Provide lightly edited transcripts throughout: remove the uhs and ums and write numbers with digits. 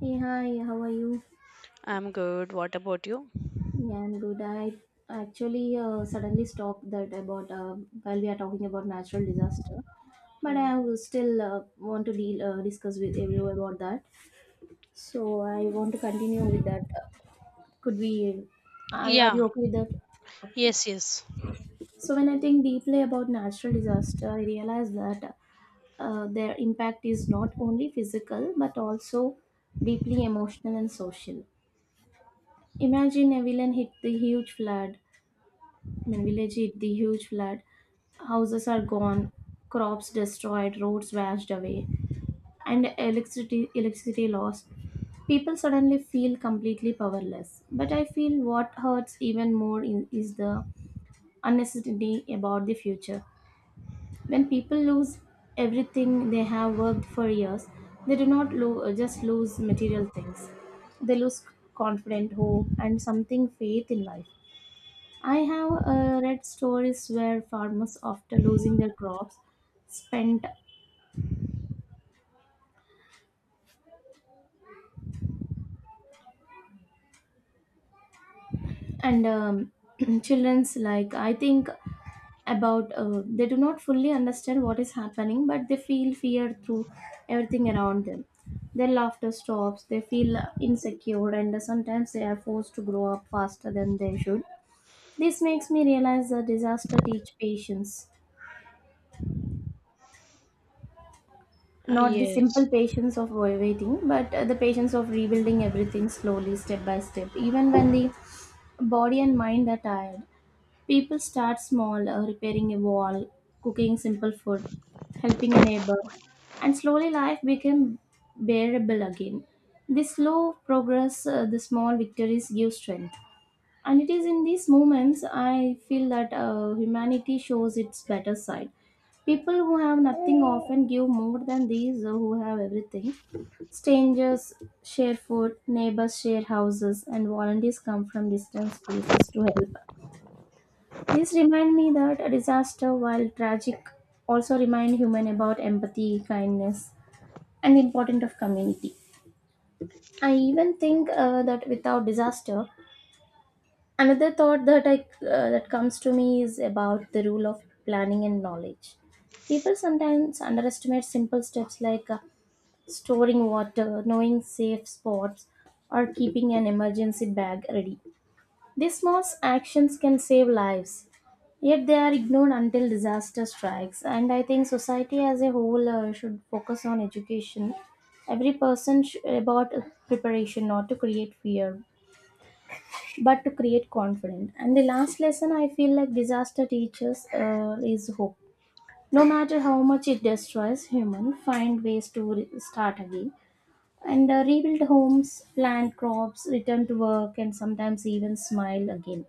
Hey, hi, how are you? I'm good. What about you? Yeah, I'm good. I actually suddenly stopped that about while we are talking about natural disaster, but Mm. I will still want to deal discuss with you about that. So I want to continue with that. Could we? Are Yeah. you okay with that? Okay. Yes, yes. So when I think deeply about natural disaster, I realize that their impact is not only physical but also deeply emotional and social. Imagine a villain hit the huge flood I mean, village hit the huge flood. Houses are gone, crops destroyed, roads washed away, and electricity lost. People suddenly feel completely powerless. But I feel what hurts even is the uncertainty about the future. When people lose everything they have worked for years, they do not just lose material things. They lose confidence, hope, and something faith in life. I have read stories where farmers, after losing their crops, spent and children's like I think about they do not fully understand what is happening, but they feel fear through everything around them. Their laughter stops. They feel insecure, and sometimes they are forced to grow up faster than they should. This makes me realize that disaster teach patience. Uh, Not the simple yes. patience of waiting, but the patience of rebuilding everything slowly, step by step. Even when the body and mind are tired, people start small, repairing a wall, cooking simple food, helping a neighbor, and slowly life became bearable again. This slow progress, the small victories give strength. And it is in these moments I feel that humanity shows its better side. People who have nothing often give more than these who have everything. Strangers share food, neighbors share houses, and volunteers come from distant places to help. This remind me that a disaster, while tragic, also remind human about empathy, kindness, and the importance of community. I even think that without disaster, another thought that comes to me is about the rule of planning and knowledge. People sometimes underestimate simple steps like storing water, knowing safe spots, or keeping an emergency bag ready. These small actions can save lives, yet they are ignored until disaster strikes. And I think society as a whole should focus on education. About preparation, not to create fear but to create confidence. And the last lesson I feel like disaster teaches is hope. No matter how much it destroys, human find ways to start again and rebuild homes, plant crops, return to work, and sometimes even smile again.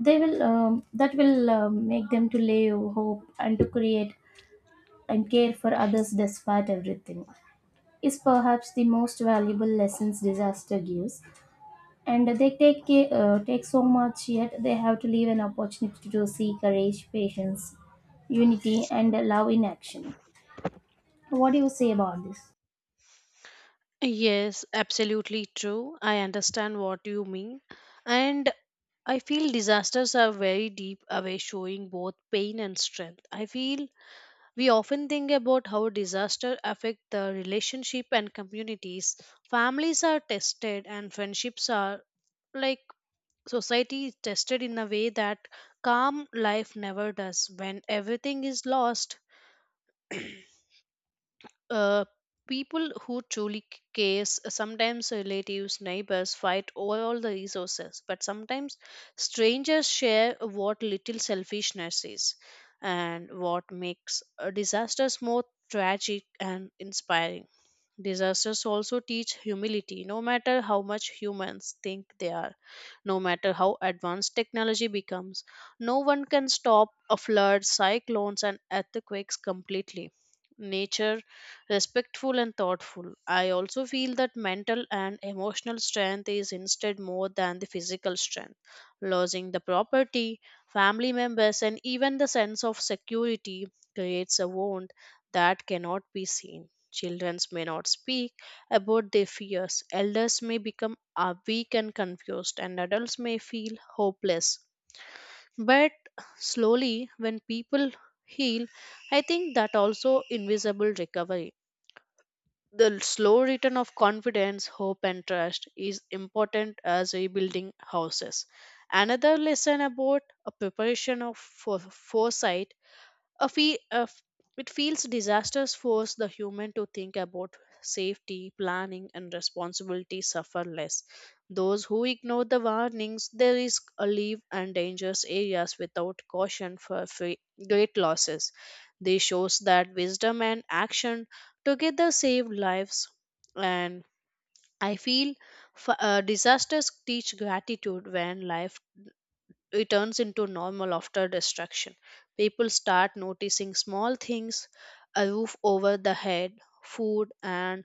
They will that will make them to live, hope, and to create and care for others despite everything. Is perhaps the most valuable lessons disaster gives, and they take so much yet they have to leave an opportunity to see courage, patience, unity, and love in action. What do you say about this? Yes, absolutely true. I understand what you mean. And I feel disasters are very deep away, showing both pain and strength. I feel we often think about how disaster affect the relationship and communities. Families are tested and friendships are like society is tested in a way that calm life never does when everything is lost. Uh, people who truly cares, sometimes relatives neighbors fight over all the resources, but sometimes strangers share what little selfishness is, and what makes disasters more tragic and inspiring. Disasters also teach humility. No matter how much humans think they are, no matter how advanced technology becomes, no one can stop a flood, cyclones, and earthquakes completely. Nature, respectful and thoughtful. I also feel that mental and emotional strength is instead more than the physical strength. Losing the property, family members, and even the sense of security creates a wound that cannot be seen. Children may not speak about their fears. Elders may become weak and confused, and adults may feel hopeless. But slowly, when people heal, I think that also invisible recovery. The slow return of confidence, hope, and trust is important as rebuilding houses. Another lesson about a preparation of for foresight, a fe- a f- it feels disasters force the human to think about safety, planning, and responsibility suffer less. Those who ignore the warnings, they risk a leave and dangerous areas without caution great losses. This shows that wisdom and action together save lives. And I feel disasters teach gratitude when life returns into normal after destruction. People start noticing small things, a roof over the head, food, and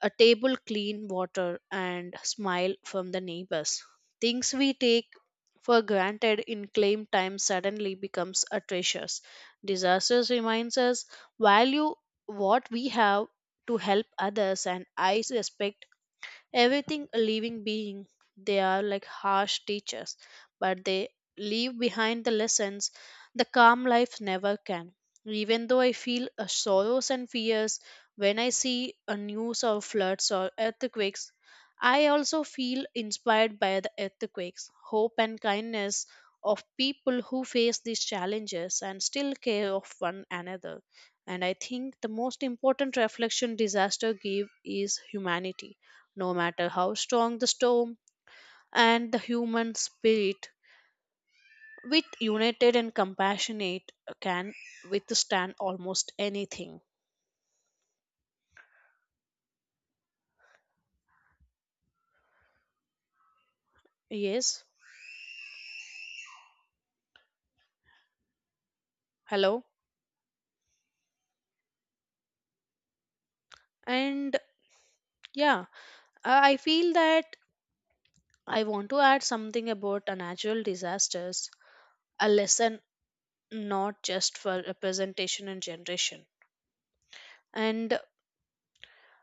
a table, clean water, and smile from the neighbors. Things we take for granted in claim time suddenly becomes a treasures. Disasters reminds us value what we have, to help others, and I respect everything a living being. They are like harsh teachers, but they leave behind the lessons the calm life never can. Even though I feel sorrows and fears when I see a news of floods or earthquakes, I also feel inspired by the earthquakes hope and kindness of people who face these challenges and still care of one another. And I think the most important reflection disaster give is humanity. No matter how strong the storm, and the human spirit, with united and compassionate, can withstand almost anything. Yes, hello. And yeah, I feel that I want to add something about a natural disasters, a lesson not just for representation and generation. And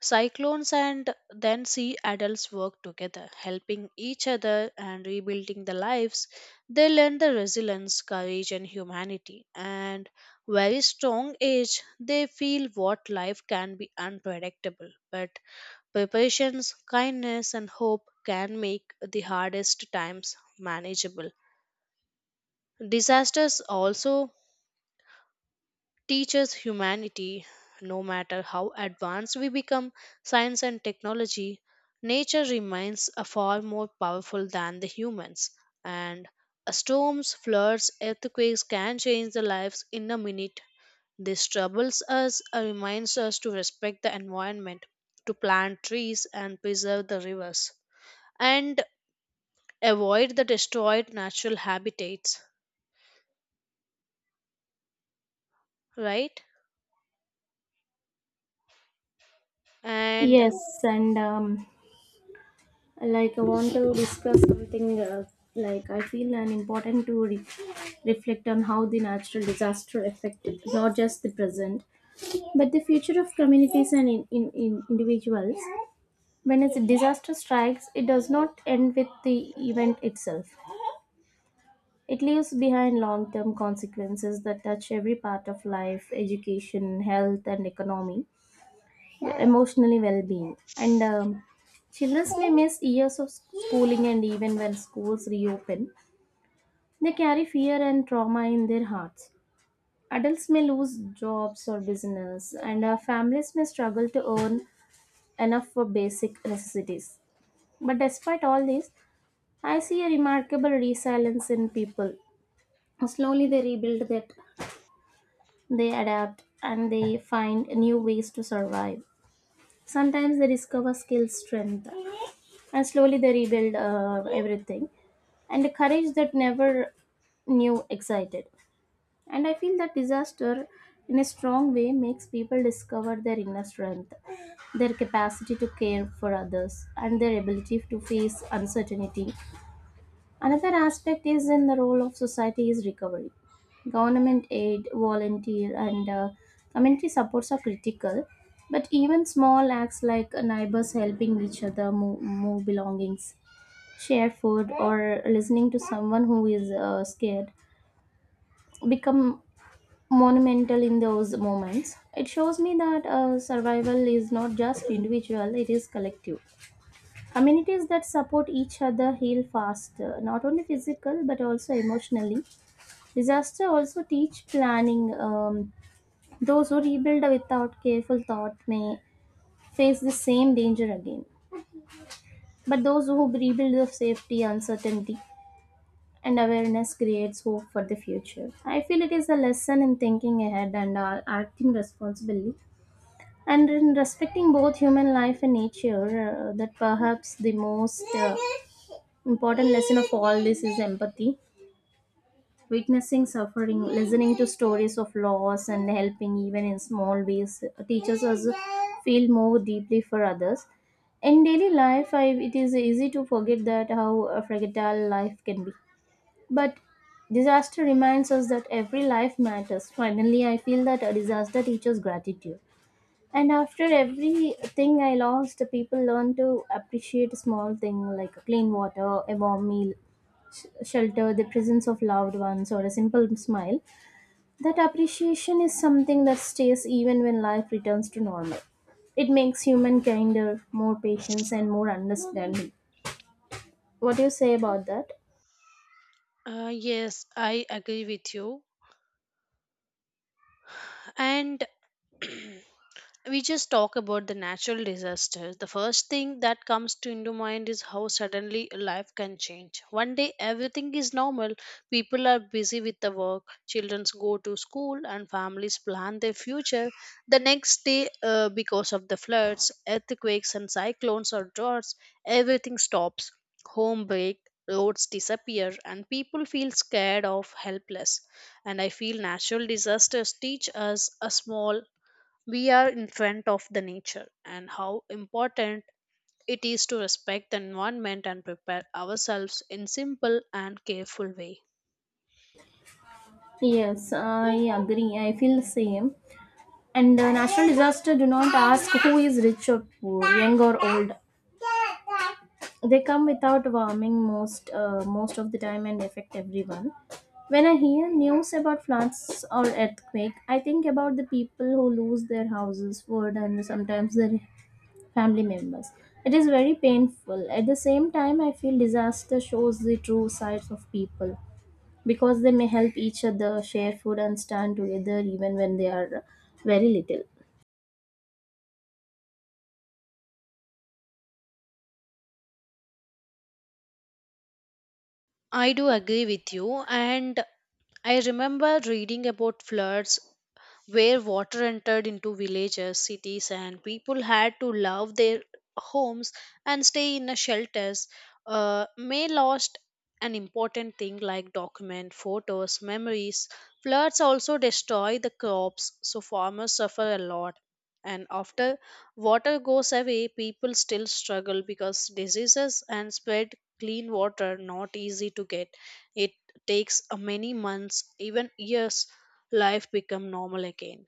cyclones and then sea adults work together, helping each other and rebuilding their lives. They learn the resilience, courage, and humanity. And very strong age, they feel what life can be unpredictable. But preparations, kindness, and hope can make the hardest times manageable. Disasters also teaches humanity. No matter how advanced we become, science and technology, nature remains a far more powerful than the humans. And storms, floods, earthquakes can change the lives in a minute. This troubles us, reminds us to respect the environment, to plant trees and preserve the rivers, and avoid the destroyed natural habitats, right? And Yes, and like I want to discuss something like I feel an important to reflect on how the natural disaster affected not just the present but the future of communities and in individuals. When a disaster strikes, it does not end with the event itself. It leaves behind long term consequences that touch every part of life: education, health, and economy, emotionally well being. And children may miss years of schooling, and even when schools reopen, they carry fear and trauma in their hearts. Adults may lose jobs or business, and families may struggle to earn enough for basic necessities. But despite all this, I see a remarkable resilience in people. Slowly they rebuild that. They adapt and they find new ways to survive. Sometimes they discover skill strength, and slowly they rebuild everything. And the courage that never knew excited. And I feel that disaster in a strong way makes people discover their inner strength, their capacity to care for others, and their ability to face uncertainty. Another aspect is in the role of society is recovery. Government aid, volunteer, and community supports are critical, but even small acts like neighbors helping each other move belongings, share food, or listening to someone who is scared become monumental in those moments. It shows me that survival is not just individual, it is collective. Communities that support each other heal faster, not only physical but also emotionally. Disaster also teach planning. Those who rebuild without careful thought may face the same danger again. But those who rebuild with safety, uncertainty, and awareness creates hope for the future. I feel it is a lesson in thinking ahead and acting responsibly, and in respecting both human life and nature. That perhaps the most Important lesson of all this is empathy. Witnessing suffering, listening to stories of loss, and helping even in small ways teaches us feel more deeply for others. In daily life, it is easy to forget that how fragile life can be. But disaster reminds us that every life matters. Finally, I feel that a disaster teaches gratitude. And after everything I lost, people learn to appreciate small things like clean water, a warm meal, shelter, the presence of loved ones, or a simple smile. That appreciation is something that stays even when life returns to normal. It makes human kinder, more patience, and more understanding. What do you say about that? Yes, I agree with you. And we just talk about the natural disasters, the first thing that comes to into mind is how suddenly life can change. One day everything is normal. People are busy with the work, children go to school, and families plan their future. The next day, because of the floods, earthquakes, and cyclones or droughts, everything stops. Home break, roads disappear, and people feel scared of helpless. And I feel natural disasters teach us a small we are in front of the nature and how important it is to respect the environment and prepare ourselves in simple and careful way. Yes, I agree. I feel the same. And the natural disaster do not ask who is rich or poor, young or old. They come without warming most of the time and affect everyone. When I hear news about floods or earthquake, I think about the people who lose their houses, food, and sometimes their family members. It is very painful. At the same time, I feel disaster shows the true sides of people, because they may help each other, share food, and stand together even when they are very little. I do agree with you. And I remember reading about floods where water entered into villages, cities, and people had to love their homes and stay in a shelters. May lost an important thing like document, photos, memories. Floods also destroy the crops, so farmers suffer a lot. And after water goes away, people still struggle because diseases and spread clean water not easy to get. It takes many months, even years life become normal again.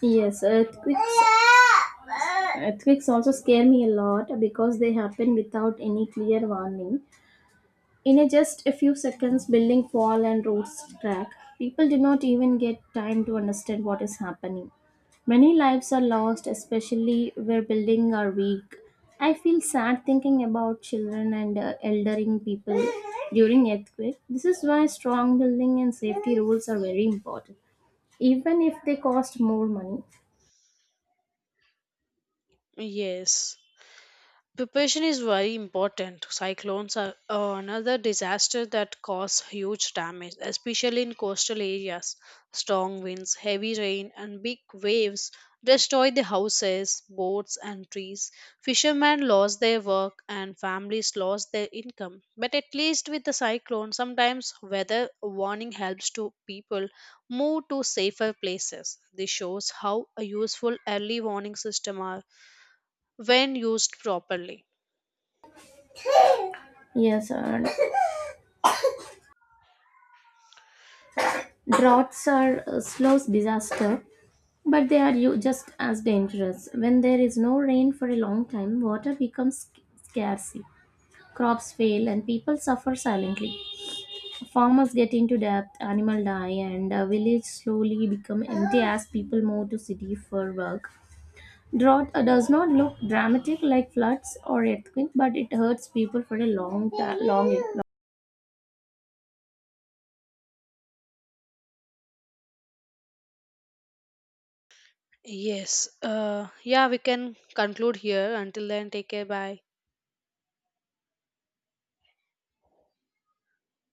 Yes, earthquakes also scare me a lot because they happen without any clear warning. In a just a few seconds, building fall and roads crack. People do not even get time to understand what is happening. Many lives are lost, especially where buildings are weak. I feel sad thinking about children and eldering people during earthquake. This is why strong building and safety rules are very important, even if they cost more money. Yes. Preparation is very important. Cyclones are another disaster that cause huge damage, especially in coastal areas. Strong winds, heavy rain, and big waves destroy the houses, boats, and trees. Fishermen lost their work, and families lost their income. But at least with the cyclone, sometimes weather warning helps to people move to safer places. This shows how a useful early warning system are when used properly. Yes, droughts are a slow disaster, but they are just as dangerous. When there is no rain for a long time, water becomes scarce. Crops fail and people suffer silently. Farmers get into debt, animals die, and a village slowly become empty as people move to city for work. Drought does not look dramatic like floods or earthquake, but it hurts people for a long time. Long, long Yes. Yeah, we can conclude here. Until then, take care. Bye.